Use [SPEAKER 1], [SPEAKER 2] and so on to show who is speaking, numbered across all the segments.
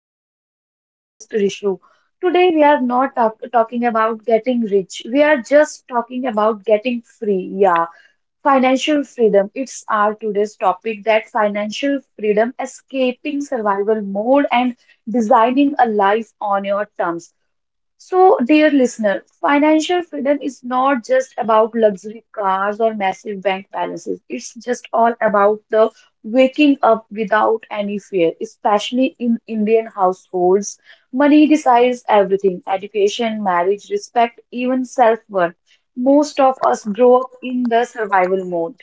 [SPEAKER 1] channel. I'm your host Rishu. Today we are not talk- talking about getting rich. We are just talking about getting free. Yeah, financial freedom. It's our today's topic, that financial freedom, escaping survival mode and designing a life on your terms. So, dear listener, financial freedom is not just about luxury cars or massive bank balances. It's just all about the waking up without any fear, especially in Indian households. Money decides everything: education, marriage, respect, even self-worth. Most of us grow up in the survival mode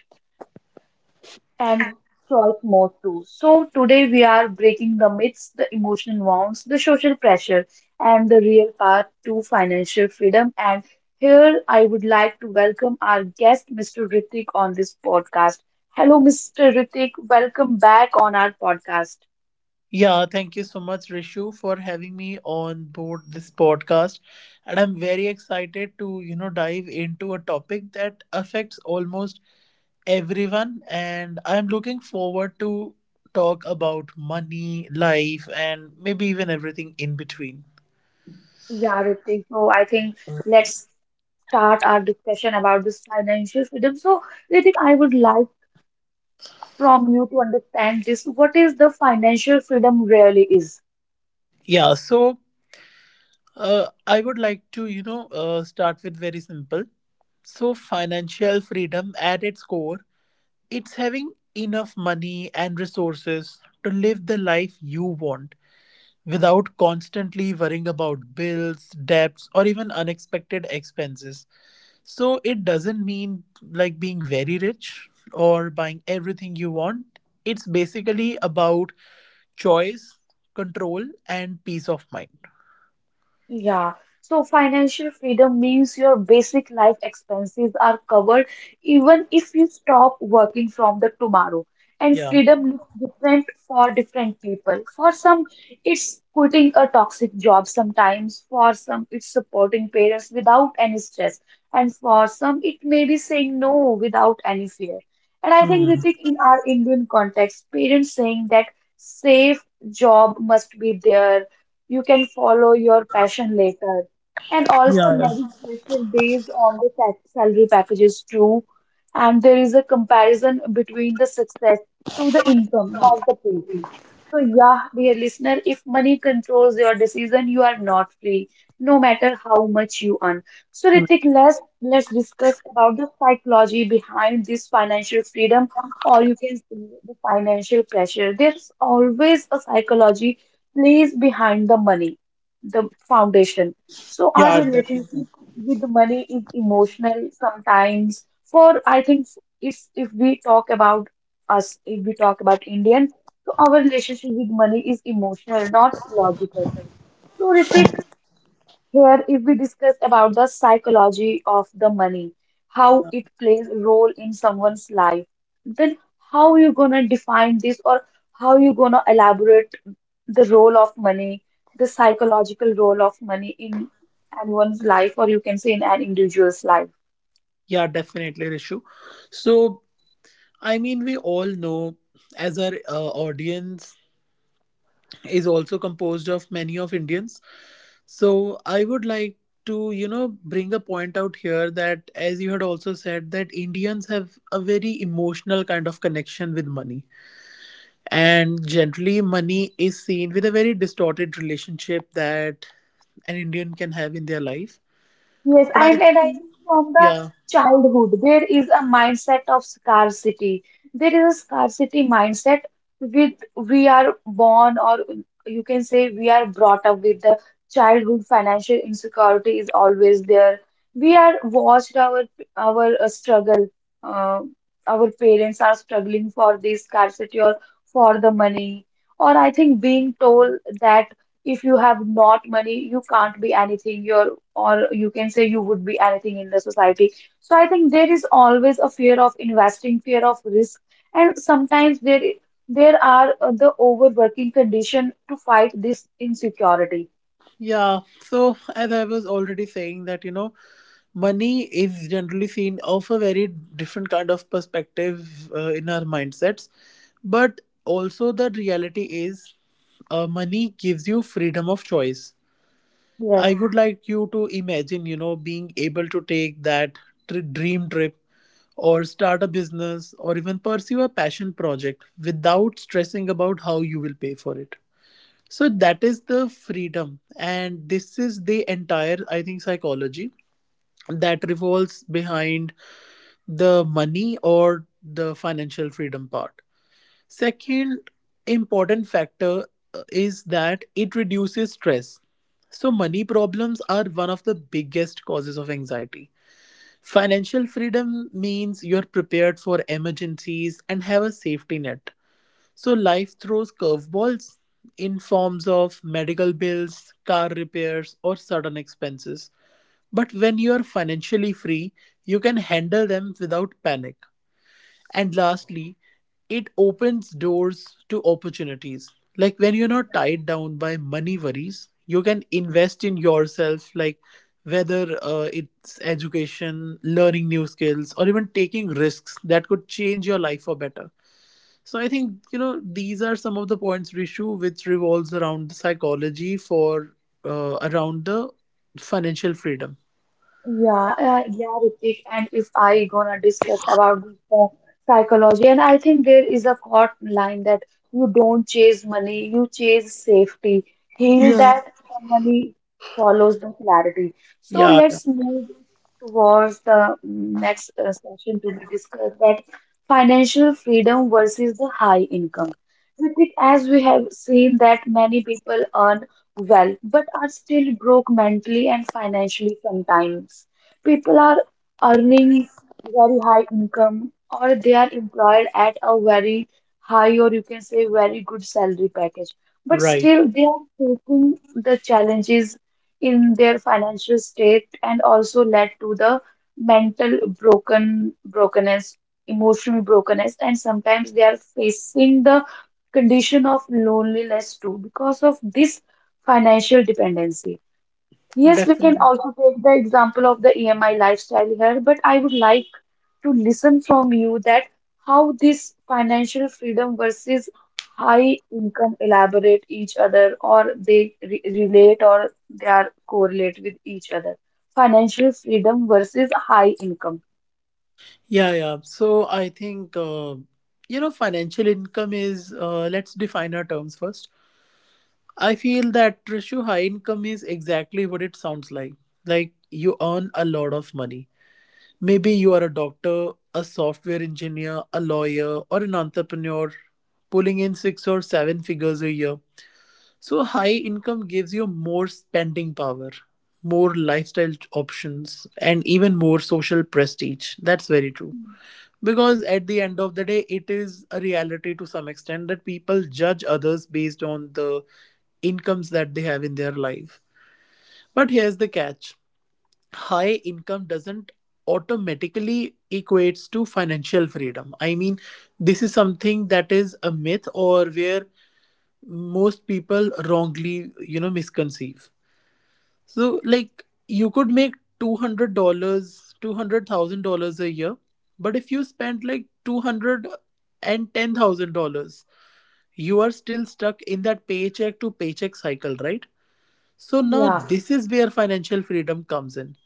[SPEAKER 1] and choice More too. So today we are breaking the myths, the emotional wounds, the social pressure, and the real path to financial freedom. And here I would like to welcome our guest, Mr. Ritik, on this podcast. Hello, Mr. Ritik. Welcome back on our podcast.
[SPEAKER 2] Yeah, thank you so much, Rishu, for having me on board this podcast. And I'm very excited to, you know, dive into a topic that affects almost everyone. And I'm looking forward to talk about money, life, and maybe even everything in between.
[SPEAKER 1] Yeah, Ritik. So I think let's start our discussion about this financial freedom. So, Ritik, I would like from you to understand this. What is the financial freedom really is?
[SPEAKER 2] Yeah, so I would like to, you know, start with very simple. So, financial freedom at its core, it's having enough money and resources to live the life you want without constantly worrying about bills, debts, or even unexpected expenses. So it doesn't mean like being very rich or buying everything you want. It's basically about choice, control, and peace of mind.
[SPEAKER 1] Yeah, so financial freedom means your basic life expenses are covered even if you stop working from the tomorrow. And
[SPEAKER 2] Yeah.
[SPEAKER 1] freedom looks different for different people. For some, it's quitting a toxic job sometimes. For some, it's supporting parents without any stress. And for some, it may be saying no without any fear. And I think,
[SPEAKER 2] Hmm.
[SPEAKER 1] Ritik, in our Indian context, parents saying that safe job must be there, you can follow your passion later. And
[SPEAKER 2] Yeah.
[SPEAKER 1] also
[SPEAKER 2] Yeah.
[SPEAKER 1] meditation based on the salary packages too. And there is a comparison between the success through the income, not the pay. So, yeah, dear listener, if money controls your decision, you are not free, no matter how much you earn. So,
[SPEAKER 2] Hmm.
[SPEAKER 1] Ritik, let's discuss about the psychology behind this financial freedom, or you can say the financial pressure. There's always a psychology plays behind the money, the foundation. So, our
[SPEAKER 2] Yeah,
[SPEAKER 1] relationship
[SPEAKER 2] definitely.
[SPEAKER 1] with money is emotional sometimes. For I think if we talk about us, if we talk about Indian. So our relationship with money is emotional, not logical. So Ritik, here if we discuss about the psychology of the money, how it plays a role in someone's life, then how you gonna define this, or how you gonna elaborate the role of money, the psychological role of money in anyone's life, or you can say in an individual's life.
[SPEAKER 2] Yeah, definitely, Rishu. So I mean, we all know as our audience is also composed of many of Indians. So I would like to, you know, bring a point out here that, as you had also said, that Indians have a very emotional kind of connection with money. And generally money is seen with a very distorted relationship that an Indian can have in their life.
[SPEAKER 1] Yes,
[SPEAKER 2] But I
[SPEAKER 1] and I think from the
[SPEAKER 2] yeah,
[SPEAKER 1] childhood, there is a mindset of scarcity. There is a scarcity mindset with we are born, or you can say we are brought up with the childhood financial insecurity is always there. We are watched our struggle. Uh, our parents are struggling for this scarcity or for the money. Or I think being told that if you have not money, you can't be anything. Your, or you can say you would be anything in the society. So I think there is always a fear of investing, fear of risk, and sometimes there are the overworking condition to fight this insecurity.
[SPEAKER 2] yeah. So as I was already saying that, you know, money is generally seen of a very different kind of perspective in our mindsets, but also the reality is, money gives you freedom of choice. I
[SPEAKER 1] Yes.
[SPEAKER 2] would like you to imagine, you know, being able to take that dream trip or start a business or even pursue a passion project without stressing about how you will pay for it. So that is the freedom, and this is the entire, I think, psychology that revolves behind the money or the financial freedom part. Second important factor, is that it reduces stress. So, money problems are one of the biggest causes of anxiety. Financial freedom means you're prepared for emergencies and have a safety net. So, life throws curveballs in forms of medical bills, car repairs, or sudden expenses. But when you are financially free, you can handle them without panic. And lastly, it opens doors to opportunities. Like, when you're not tied down by money worries, you can invest in yourself, like whether it's education, learning new skills, or even taking risks that could change your life for better. So I think, you know, these are some of the points, Rishu, which revolves around the psychology for around the financial freedom.
[SPEAKER 1] Yeah, Ritik, and if I gonna discuss about this psychology, and I think there is a caught line that you don't chase money, you chase safety. Heal that the money follows the clarity. So
[SPEAKER 2] Yeah, yeah,
[SPEAKER 1] let's move towards the next session to be discussed, that financial freedom versus the high income. Ritik, as we have seen that many people earn well, but are still broke mentally and financially sometimes. People are earning very high income, or they are employed at a very high, or you can say very good salary package, but
[SPEAKER 2] right.
[SPEAKER 1] still they are facing the challenges in their financial state and also led to the mental broken brokenness, emotional brokenness, and sometimes they are facing the condition of loneliness too because of this financial dependency. Yes, we can
[SPEAKER 2] Definitely.
[SPEAKER 1] also take the example of the EMI lifestyle here, but I would like to listen from you that how this financial freedom versus high income elaborate each other, or they re relate, or they are correlate with each other. Financial freedom versus high income.
[SPEAKER 2] Yeah, yeah. So I think, you know, financial income is, let's define our terms first. I feel that, Trishu, high income is exactly what it sounds like. Like, you earn a lot of money. Maybe you are a doctor, a software engineer, a lawyer, or an entrepreneur pulling in six or seven figures a year. So high income gives you more spending power, more lifestyle options, and even more social prestige. That's very true. Because at the end of the day, it is a reality to some extent that people judge others based on the incomes that they have in their life. But here's the catch: high income doesn't automatically equates to financial freedom. I mean, this is something that is a myth, or where most people wrongly, you know, misconceive. So like, you could make $200, $200,000 a year, but if you spend like $210,000, you are still stuck in that paycheck to paycheck cycle, right? So now
[SPEAKER 1] Yeah.
[SPEAKER 2] this is where financial freedom comes in.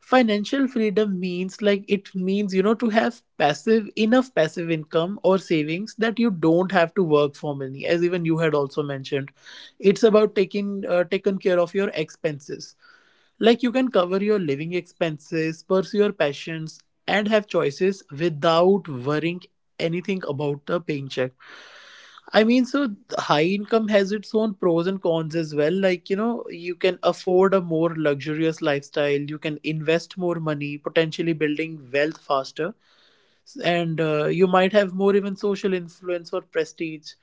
[SPEAKER 2] Financial freedom means, like, it means, you know, to have passive, enough passive income or savings that you don't have to work for money. As even you had also mentioned, it's about taking taken care of your expenses. Like, you can cover your living expenses, pursue your passions, and have choices without worrying anything about the paycheck. I mean, so high income has its own pros and cons as well. Like, you know, you can afford a more luxurious lifestyle, you can invest more money, potentially building wealth faster, and you might have more even social influence or prestige.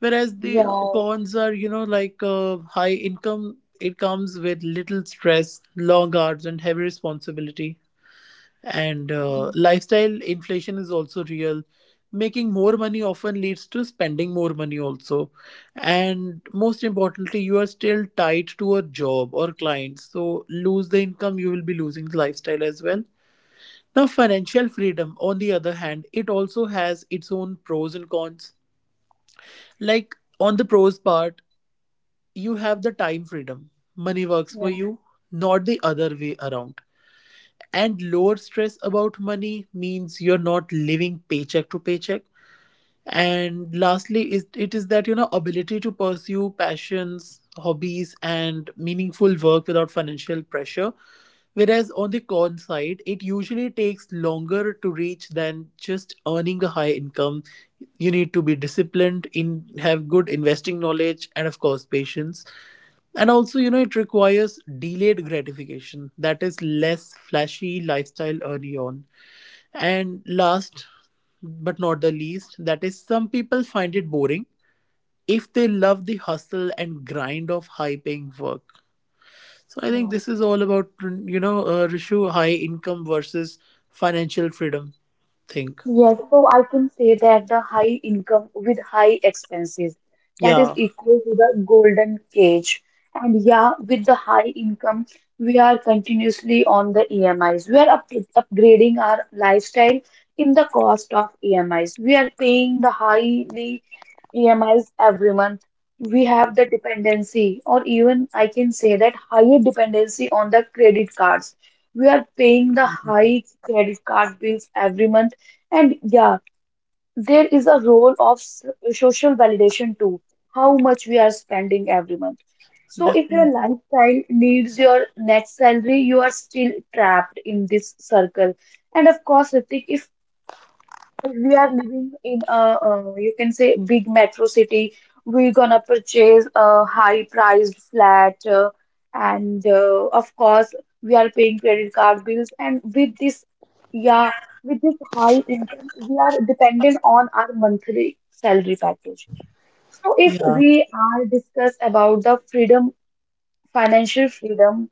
[SPEAKER 2] Whereas
[SPEAKER 1] Yeah.
[SPEAKER 2] the cons are, you know, like high income, it comes with little stress, long hours, and heavy responsibility, and lifestyle inflation is also real. Making more money often leads to spending more money also, and most importantly, you are still tied to a job or clients, so lose the income, you will be losing the lifestyle as well. Now financial freedom on the other hand, it also has its own pros and cons. Like, on the pros part, you have the time freedom, money works for you, not the other way around, and lower stress about money means you're not living paycheck to paycheck. And lastly is, it is that, you know, ability to pursue passions, hobbies, and meaningful work without financial pressure. Whereas on the con side, it usually takes longer to reach than just earning a high income. You need to be disciplined in have good investing knowledge and of course patience. And also, you know, it requires delayed gratification, that is less flashy lifestyle early on. And last but not the least, that is, some people find it boring if they love the hustle and grind of high paying work. So I think
[SPEAKER 1] Yeah.
[SPEAKER 2] this is all about, you know, Rishu, high income versus financial freedom thing.
[SPEAKER 1] Yes, so I can say that the high income with high expenses, that is
[SPEAKER 2] Yeah,
[SPEAKER 1] equal to the golden cage. And yeah, with the high income, we are continuously on the EMIs. We are up upgrading our lifestyle in the cost of EMIs. We are paying the highly EMIs every month. We have the dependency, or even I can say that higher dependency on the credit cards. We are paying the high credit card bills every month, and yeah, there is a role of social validation too, how much we are spending every month. So if your
[SPEAKER 2] definitely.
[SPEAKER 1] lifestyle needs your net salary, you are still trapped in this circle. And of course, Ritik, if we are living in a, you can say, big metro city. We're gonna purchase a high-priced flat, and of course, we are paying credit card bills. And with this, yeah, with this high income, we are dependent on our monthly salary package. So, if
[SPEAKER 2] Yeah.
[SPEAKER 1] we are discuss about the freedom, financial freedom,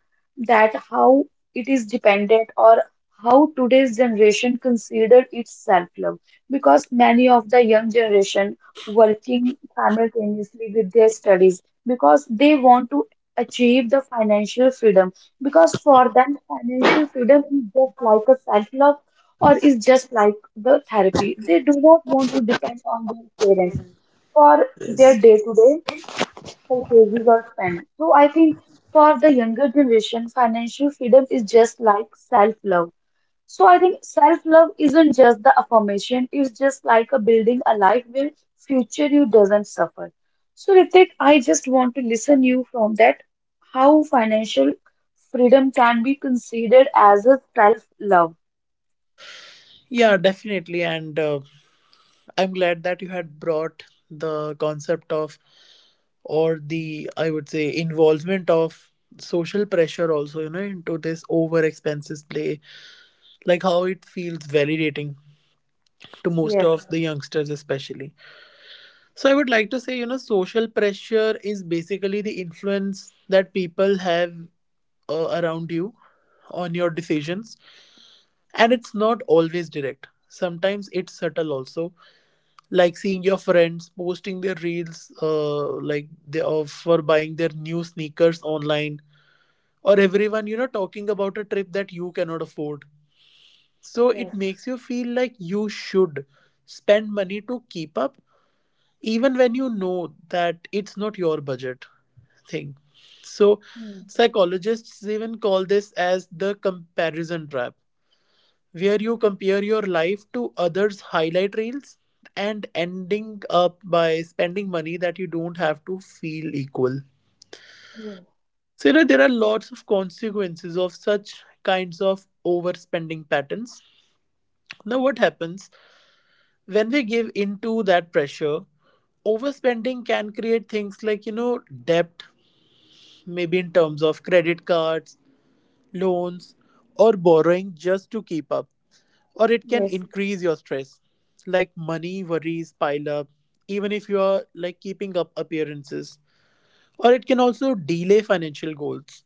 [SPEAKER 1] that how it is dependent, or how today's generation consider its self-love, because many of the young generation working simultaneously with their studies because they want to achieve the financial freedom because for them financial freedom is just like a self-love, or is just like the therapy. They do not want to depend on their parents for their
[SPEAKER 2] Yes.
[SPEAKER 1] day-to-day. Okay, we got spent. So I think for the younger generation, financial freedom is just like self-love. So I think self-love isn't just the affirmation, it's just like a building a life where future you doesn't suffer. So Ritik, I just want to listen you from that how financial freedom can be considered as a self-love.
[SPEAKER 2] Yeah, definitely. And I'm glad that you had brought the concept of, or the, I would say, involvement of social pressure also, you know, into this over expenses play, like how it feels validating to most
[SPEAKER 1] Yes,
[SPEAKER 2] of the youngsters especially. So I would like to say, you know, social pressure is basically the influence that people have around you on your decisions. And it's not always direct, sometimes it's subtle also. Like seeing your friends posting their reels, like they of for buying their new sneakers online, or everyone, you know, talking about a trip that you cannot afford. So it
[SPEAKER 1] yes.
[SPEAKER 2] makes you feel like you should spend money to keep up, even when you know that it's not your budget thing. So
[SPEAKER 1] Hmm.
[SPEAKER 2] psychologists even call this as the comparison trap, where you compare your life to others' highlight reels and ending up by spending money that you don't have to feel equal.
[SPEAKER 1] Yes.
[SPEAKER 2] So, you know, there are lots of consequences of such kinds of overspending patterns. Now, what happens when we give into that pressure? Overspending can create things like, you know, debt, maybe in terms of credit cards, loans, or borrowing just to keep up. Or it can
[SPEAKER 1] Yes,
[SPEAKER 2] increase your stress, like money worries pile up even if you are like keeping up appearances. Or it can also delay financial goals,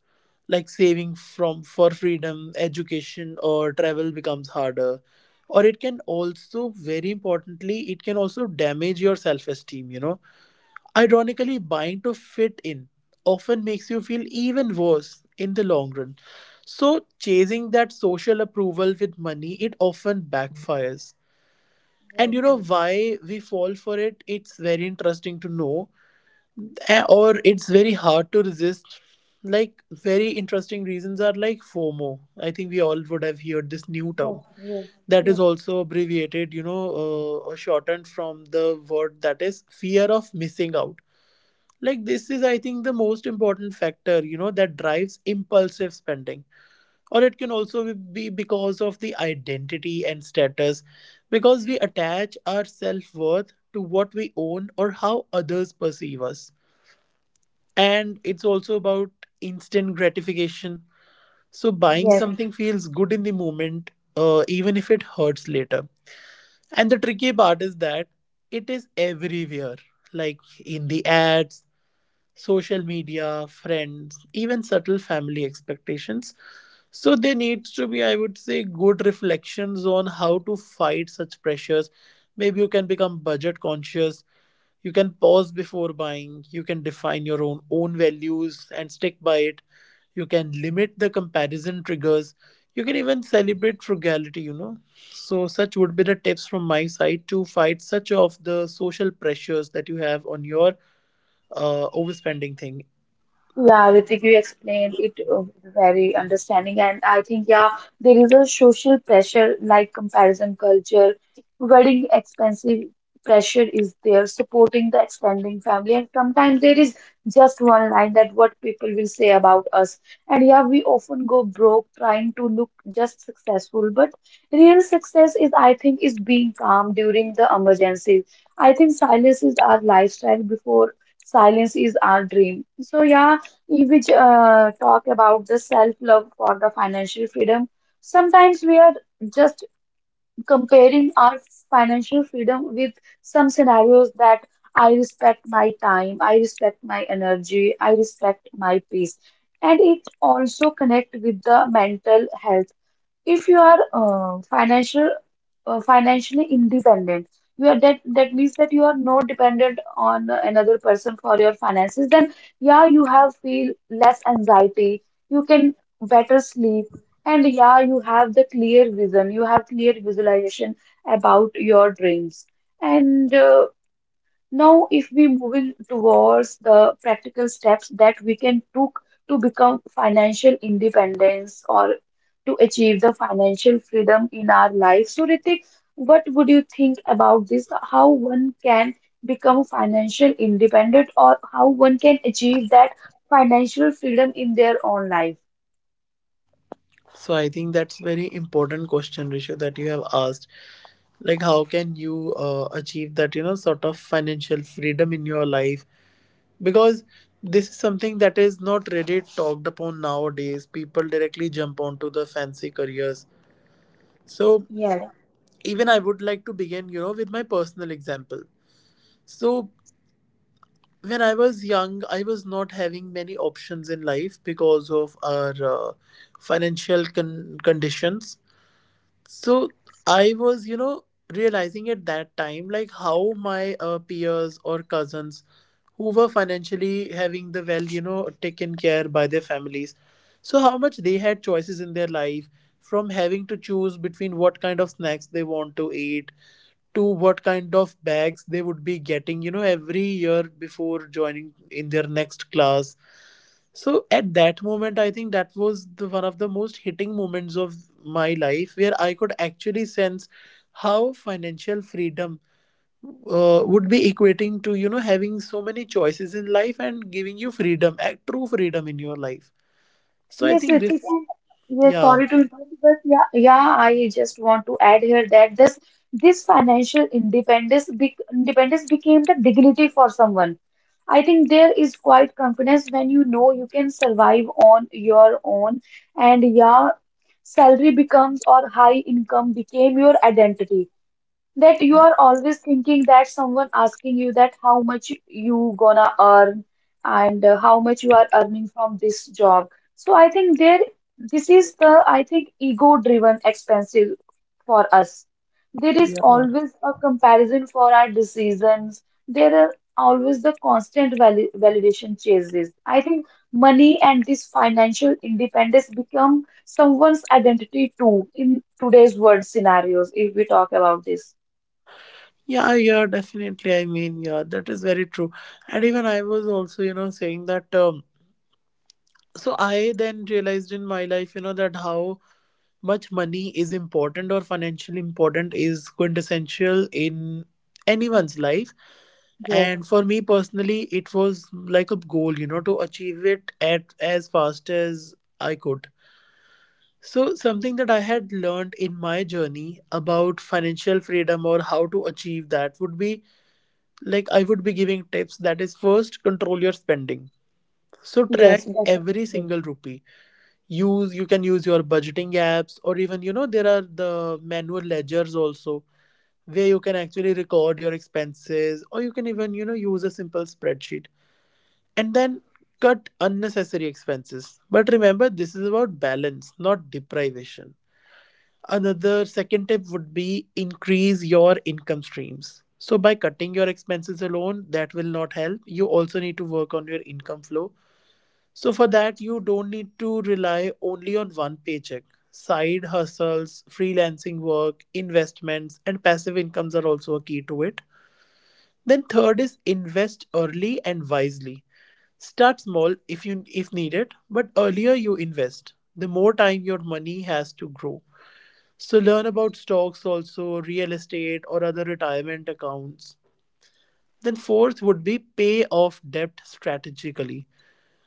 [SPEAKER 2] like saving from for freedom, education, or travel becomes harder. Or it can also, very importantly, it can also damage your self esteem, you know. Ironically, buying to fit in often makes you feel even worse in the long run. So chasing that social approval with money, it often backfires.
[SPEAKER 1] yes,
[SPEAKER 2] And you know
[SPEAKER 1] yes,
[SPEAKER 2] why we fall for it, it's very interesting to know. Or it's very hard to resist. Like, very interesting reasons are like FOMO. I think we all would have heard this new
[SPEAKER 1] yes,
[SPEAKER 2] term
[SPEAKER 1] yes,
[SPEAKER 2] that is
[SPEAKER 1] yes,
[SPEAKER 2] also abbreviated, you know, or shortened from the word, that is fear of missing out. Like, this is, I think, the most important factor, you know, that drives impulsive spending. Or it can also be because of the identity and status, because we attach our self worth to what we own or how others perceive us. And it's also about instant gratification, so buying
[SPEAKER 1] yes.
[SPEAKER 2] something feels good in the moment, even if it hurts later. And the tricky part is that it is everywhere, like in the ads, social media, friends, even subtle family expectations. So there needs to be, I would say, good reflections on how to fight such pressures. Maybe you can become budget conscious, you can pause before buying, you can define your own values and stick by it, you can limit the comparison triggers, you can even celebrate frugality, you know. So such would be the tips from my side to fight such of the social pressures that you have on your overspending thing.
[SPEAKER 1] Yeah, Ritik, you explained it very understanding, and I think yeah, there is a social pressure like comparison culture, wedding expensive pressure is there, supporting the extending family, and sometimes there is just one line that what people will say about us, and yeah, we often go broke trying to look just successful, but real success is I think is being calm during the emergency. I think silence is our lifestyle before silence is our dream. So yeah. If we talk about the self-love for the financial freedom, sometimes we are just comparing our financial freedom with some scenarios that I respect my time, I respect my energy, I respect my peace. And it also connect with the mental health. If you are financially independent, you are that means that you are not dependent on another person for your finances, then yeah, you have feel less anxiety, you can better sleep, and yeah, you have the clear vision, you have clear visualization about your dreams, and now, if we moving towards the practical steps that we can took to become financial independence or to achieve the financial freedom in our life. So, Ritik, what would you think about this? How one can become financial independent, or how one can achieve that financial freedom in their own life?
[SPEAKER 2] So I think that's very important question, Rishu, that you have asked, like how can you achieve that, you know, sort of financial freedom in your life. Because this is something that is not really talked upon nowadays, people directly jump onto the fancy careers. So
[SPEAKER 1] Yes.
[SPEAKER 2] even I would like to begin, you know, with my personal example. So when I was young, I was not having many options in life because of our financial conditions. So I was, you know, realizing at that time like how my peers or cousins who were financially having the well, you know, taken care by their families. So how much they had choices in their life, from having to choose between what kind of snacks they want to eat to what kind of bags they would be getting, you know, every year before joining in their next class. So at that moment, I think that was the one of the most hitting moments of my life, where I could actually sense how financial freedom would be equating to, you know, having so many choices in life and giving you freedom, a true freedom in your life. So I
[SPEAKER 1] Yes,
[SPEAKER 2] think this
[SPEAKER 1] Ritika. Yes,
[SPEAKER 2] yeah
[SPEAKER 1] sorry to interrupt, but yeah, yeah, I just want to add here that this financial independence be, independence became the dignity for someone. I think there is quite confidence when you know you can survive on your own, and yeah, salary becomes or high income became your identity, that you are always thinking that someone asking you that how much you gonna earn, and how much you are earning from this job. So I think there, this is the, I think, ego driven expensive for us. There is
[SPEAKER 2] yeah
[SPEAKER 1] always a comparison for our decisions. There are always the constant vali validation chases. I think money and this financial independence become someone's identity too in today's world scenarios if we talk about this.
[SPEAKER 2] yeah Definitely, I mean, yeah, that is very true. And even I was also, you know, saying that, so I then realized in my life, you know, that how much money is important, or financially important, is quintessential in anyone's life.
[SPEAKER 1] Yes,
[SPEAKER 2] And for me personally, it was like a goal, you know, to achieve it at as fast as I could. So something that I had learned in my journey about financial freedom, or how to achieve that, would be, like, I would be giving tips. That is, first, control your spending. So
[SPEAKER 1] yes,
[SPEAKER 2] track every
[SPEAKER 1] definitely.
[SPEAKER 2] single rupee. Use You can use your budgeting apps, or even, you know, there are the manual ledgers also, where you can actually record your expenses, or you can even, you know, use a simple spreadsheet, and then cut unnecessary expenses. But remember, this is about balance, not deprivation. Another, second tip would be increase your income streams. So by cutting your expenses alone, that will not help. You also need to work on your income flow. So for that, you don't need to rely only on one paycheck. Side hustles, freelancing work, investments, and passive incomes are also a key to it. Then third is invest early and wisely. Start small if needed, but earlier you invest, the more time your money has to grow. So learn about stocks also, real estate, or other retirement accounts. Then fourth would be pay off debt strategically.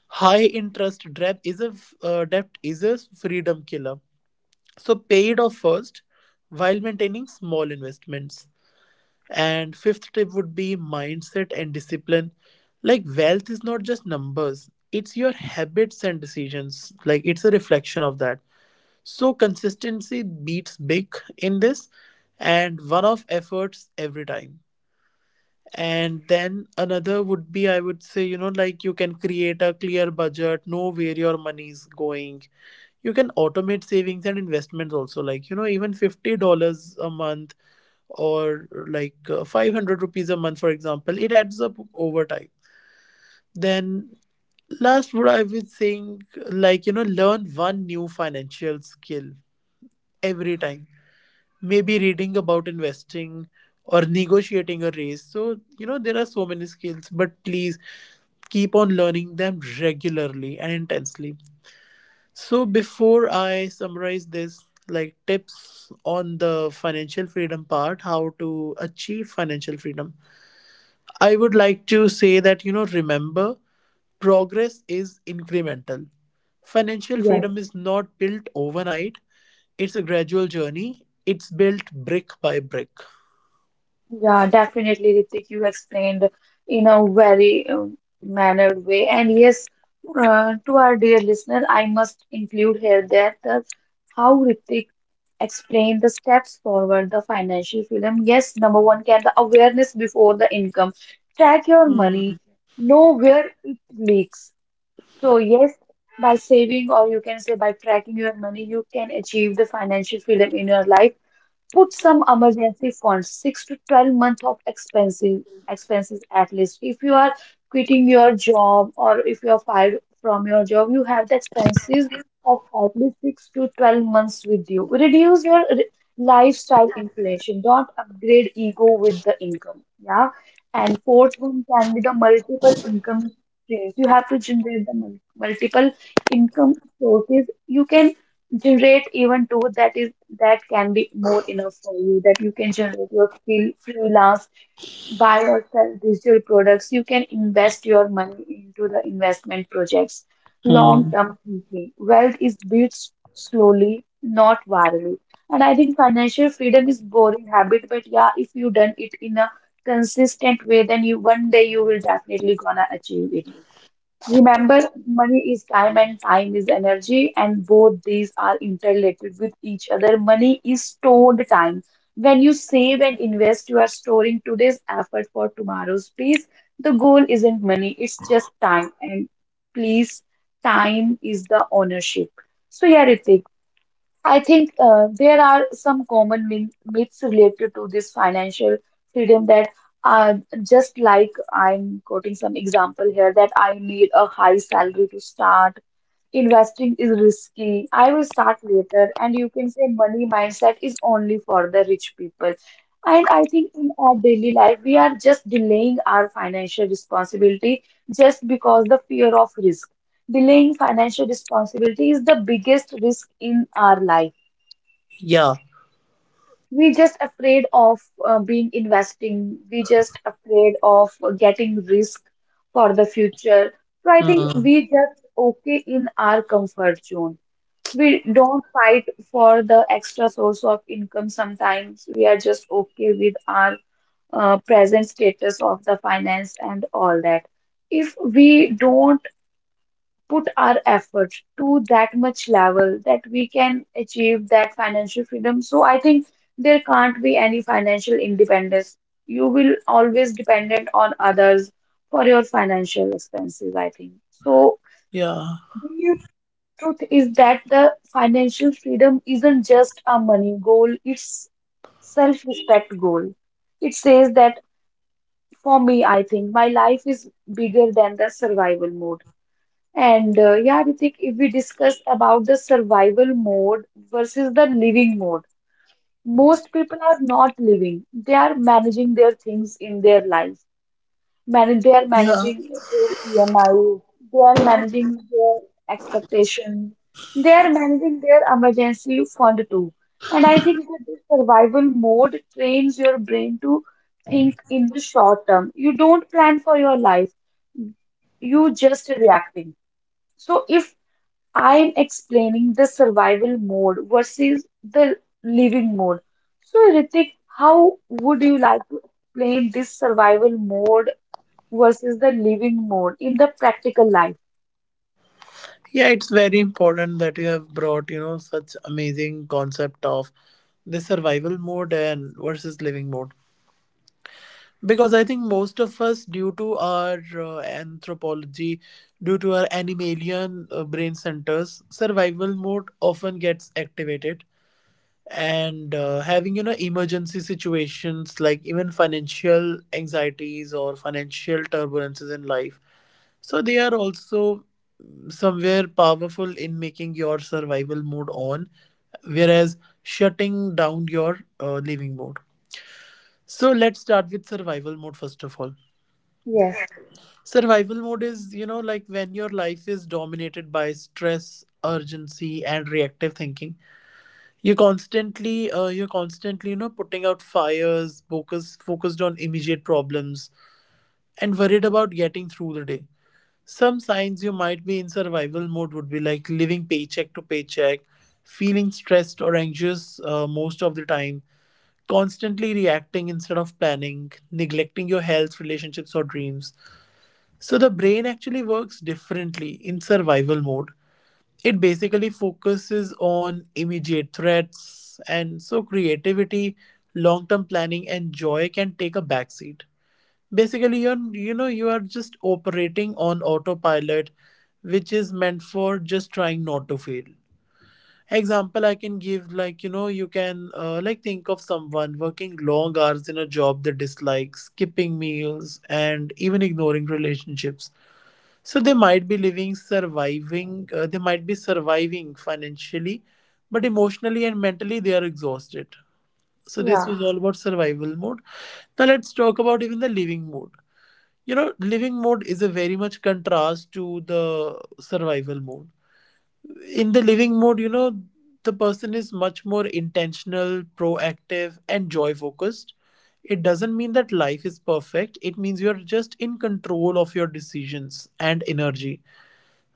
[SPEAKER 2] High interest debt is a freedom killer. So pay it off first while maintaining small investments. And fifth tip would be mindset and discipline. Like, wealth is not just numbers, it's your habits and decisions. Like, it's a reflection of that. So consistency beats big in this, and one off efforts every time. And then another would be, I would say, you know, like, you can create a clear budget, know where your money is going. You can automate savings and investments also, like, you know, even $50 a month, or like 500 rupees a month, for example, it adds up over time. Then, last, what I was saying, like, you know, learn one new financial skill every time, maybe reading about investing or negotiating a raise. So, you know, there are so many skills, but please keep on learning them regularly and intensely. So before I summarize this, like, tips on the financial freedom part, how to achieve financial freedom, I would like to say that, you know, remember, progress is incremental. Financial
[SPEAKER 1] Yes,
[SPEAKER 2] freedom is not built overnight, it's a gradual journey, it's built brick by brick.
[SPEAKER 1] yeah, definitely, Ritik. You explained in a very mannered way. And yes, to our dear listener, I must include here that the, how Ritik explained the steps forward, the financial freedom. Yes, number one can the awareness before the income. Track your money, know where it leaks. So yes, by saving, or you can say by tracking your money, you can achieve the financial freedom in your life. Put some emergency funds, six to 12 months of expenses, expenses at least. If you are quitting your job, or if you are fired from your job, you have the expenses of at least six to 12 months with you. Reduce your lifestyle inflation. Don't upgrade ego with the income. Yeah. And fourth one can be the multiple income streams. You have to generate the multiple income sources. You can generate even two. That is that can be more enough for you, that you can generate your freelance, buy or sell digital products, you can invest your money into the investment projects. Long
[SPEAKER 2] Mm-hmm.
[SPEAKER 1] term thinking, wealth is built slowly, not virally. And I think financial freedom is boring habit, but yeah, if you done it in a consistent way, then you one day you will definitely gonna achieve it. Remember, money is time and time is energy, and both these are interrelated with each other. Money is stored time. When you save and invest, you are storing today's effort for tomorrow's peace. The goal isn't money, it's just time. And please, time is the ownership. So, yeah, Ritik, I think there are some common myths related to this financial freedom, that are just like I'm quoting some example here, that I need a high salary to start. Investing is risky. I will start later. And you can say money mindset is only for the rich people. And I think in our daily life, we are just delaying our financial responsibility just because the fear of risk. Delaying financial responsibility is the biggest risk in our life.
[SPEAKER 2] Yeah.
[SPEAKER 1] We just afraid of being investing. We just afraid of getting risk for the future. So I think
[SPEAKER 2] Mm.
[SPEAKER 1] we just okay in our comfort zone. We don't fight for the extra source of income sometimes. We are just okay with our present status of the finance and all that. If we don't put our effort to that much level that we can achieve that financial freedom. So I think there can't be any financial independence. You will always dependent on others for your financial expenses, I think. So
[SPEAKER 2] Yeah.
[SPEAKER 1] the truth is that the financial freedom isn't just a money goal, it's self-respect goal. It says that for me, I think my life is bigger than the survival mode. And yeah, Ritik, if we discuss about the survival mode versus the living mode, most people are not living. They are managing their things in their life. Man, they are
[SPEAKER 2] Yeah.
[SPEAKER 1] managing their EMI, they are managing their expectation, they are managing their emergency fund too. And I think that the survival mode trains your brain to think in the short term. You don't plan for your life, you just reacting. So if I'm explaining the survival mode versus the living mode. So, Ritik, how would you like to explain this survival mode versus the living mode in the practical life?
[SPEAKER 2] Yeah, it's very important that you have brought, you know, such amazing concept of the survival mode and versus living mode. Because I think most of us, due to our anthropology, due to our animalian brain centers, survival mode often gets activated. And having, you know, emergency situations like even financial anxieties or financial turbulences in life, so they are also somewhere powerful in making your survival mode on, whereas shutting down your living mode. So let's start with survival mode first of all.
[SPEAKER 1] Yes.
[SPEAKER 2] Survival mode is, you know, like, when your life is dominated by stress, urgency, and reactive thinking. You're constantly, you know, putting out fires, focused on immediate problems, and worried about getting through the day. Some signs you might be in survival mode would be, like, living paycheck to paycheck, feeling stressed or anxious most of the time, constantly reacting instead of planning, neglecting your health, relationships, or dreams. So the brain actually works differently in survival mode. It basically focuses on immediate threats, and so creativity, long term planning, and joy can take a backseat. Basically, you're, you know, you are just operating on autopilot, which is meant for just trying not to fail. Example I can give, like, you know, you can like, think of someone working long hours in a job they dislike, skipping meals, and even ignoring relationships. So they might be living surviving, they might be surviving financially, but emotionally and mentally they are exhausted. So this
[SPEAKER 1] Yeah.
[SPEAKER 2] was all about survival mode. Now let's talk about even the living mode. You know, living mode is a very much contrast to the survival mode. In the living mode, you know, the person is much more intentional, proactive, and joy focused. It doesn't mean that life is perfect, it means you're just in control of your decisions and energy.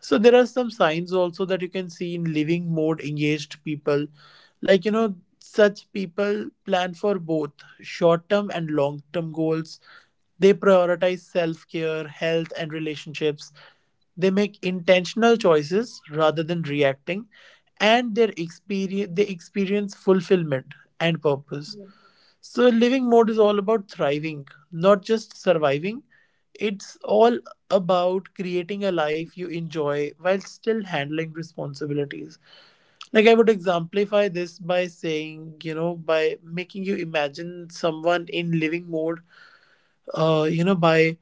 [SPEAKER 2] So there are some signs also that you can see in living mode engaged people. Like, you know, such people plan for both short term and long term goals. They prioritize self care, health, and relationships. They make intentional choices rather than reacting, and their experience, they experience fulfillment and purpose. So living mode is all about thriving, not just surviving. It's all about creating a life you enjoy while still handling responsibilities. Like, I would exemplify this by saying, you know, by making you imagine someone in living mode, you know,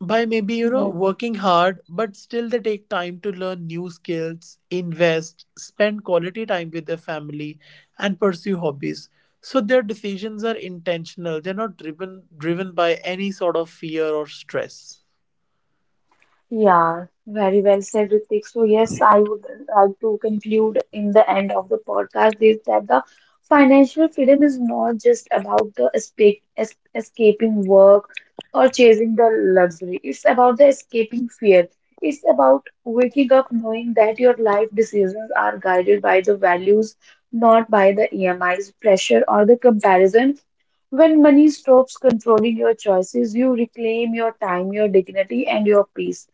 [SPEAKER 2] by maybe, you know,
[SPEAKER 1] Yeah.
[SPEAKER 2] working hard, but still they take time to learn new skills, invest, spend quality time with their family and pursue hobbies. So their decisions are intentional, they're not driven by any sort of fear or stress.
[SPEAKER 1] Yeah, very well said, Ritik. So yes, I would like to conclude in the end of the podcast is that the financial freedom is not just about the es escaping work or chasing the luxury. It's about the escaping fear. It's about waking up knowing that your life decisions are guided by the values, not by the EMIs, pressure, or the comparison. When money stops controlling your choices, you reclaim your time, your dignity, and your peace.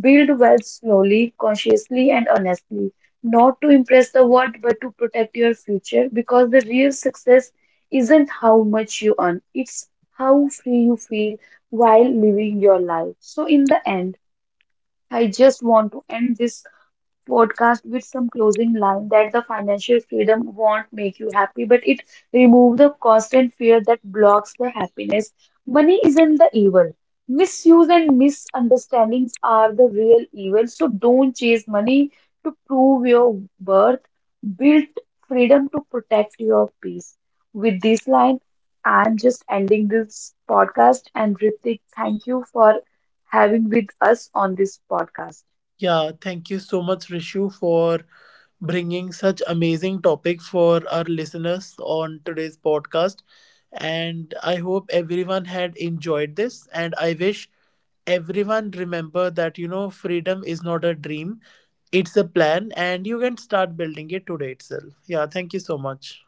[SPEAKER 1] Build wealth slowly, consciously, and honestly, not to impress the world, but to protect your future, because the real success isn't how much you earn, it's how free you feel while living your life. So, in the end, I just want to end this podcast with some closing line, that the financial freedom won't make you happy, but it removes the constant fear that blocks the happiness. Money isn't the evil. Misuse and misunderstandings are the real evil. So don't chase money to prove your worth. Build freedom to protect your peace. With this line, I'm just ending this podcast. And Ritik, thank you for having with us on this podcast.
[SPEAKER 2] Yeah, thank you so much, Rishu, for bringing such amazing topic for our listeners on today's podcast. And I hope everyone had enjoyed this. And I wish everyone remember that, you know, freedom is not a dream, it's a plan, and you can start building it today itself. Yeah, thank you so much.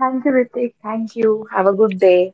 [SPEAKER 1] Thank you, Ritik. Thank you. Have a good day.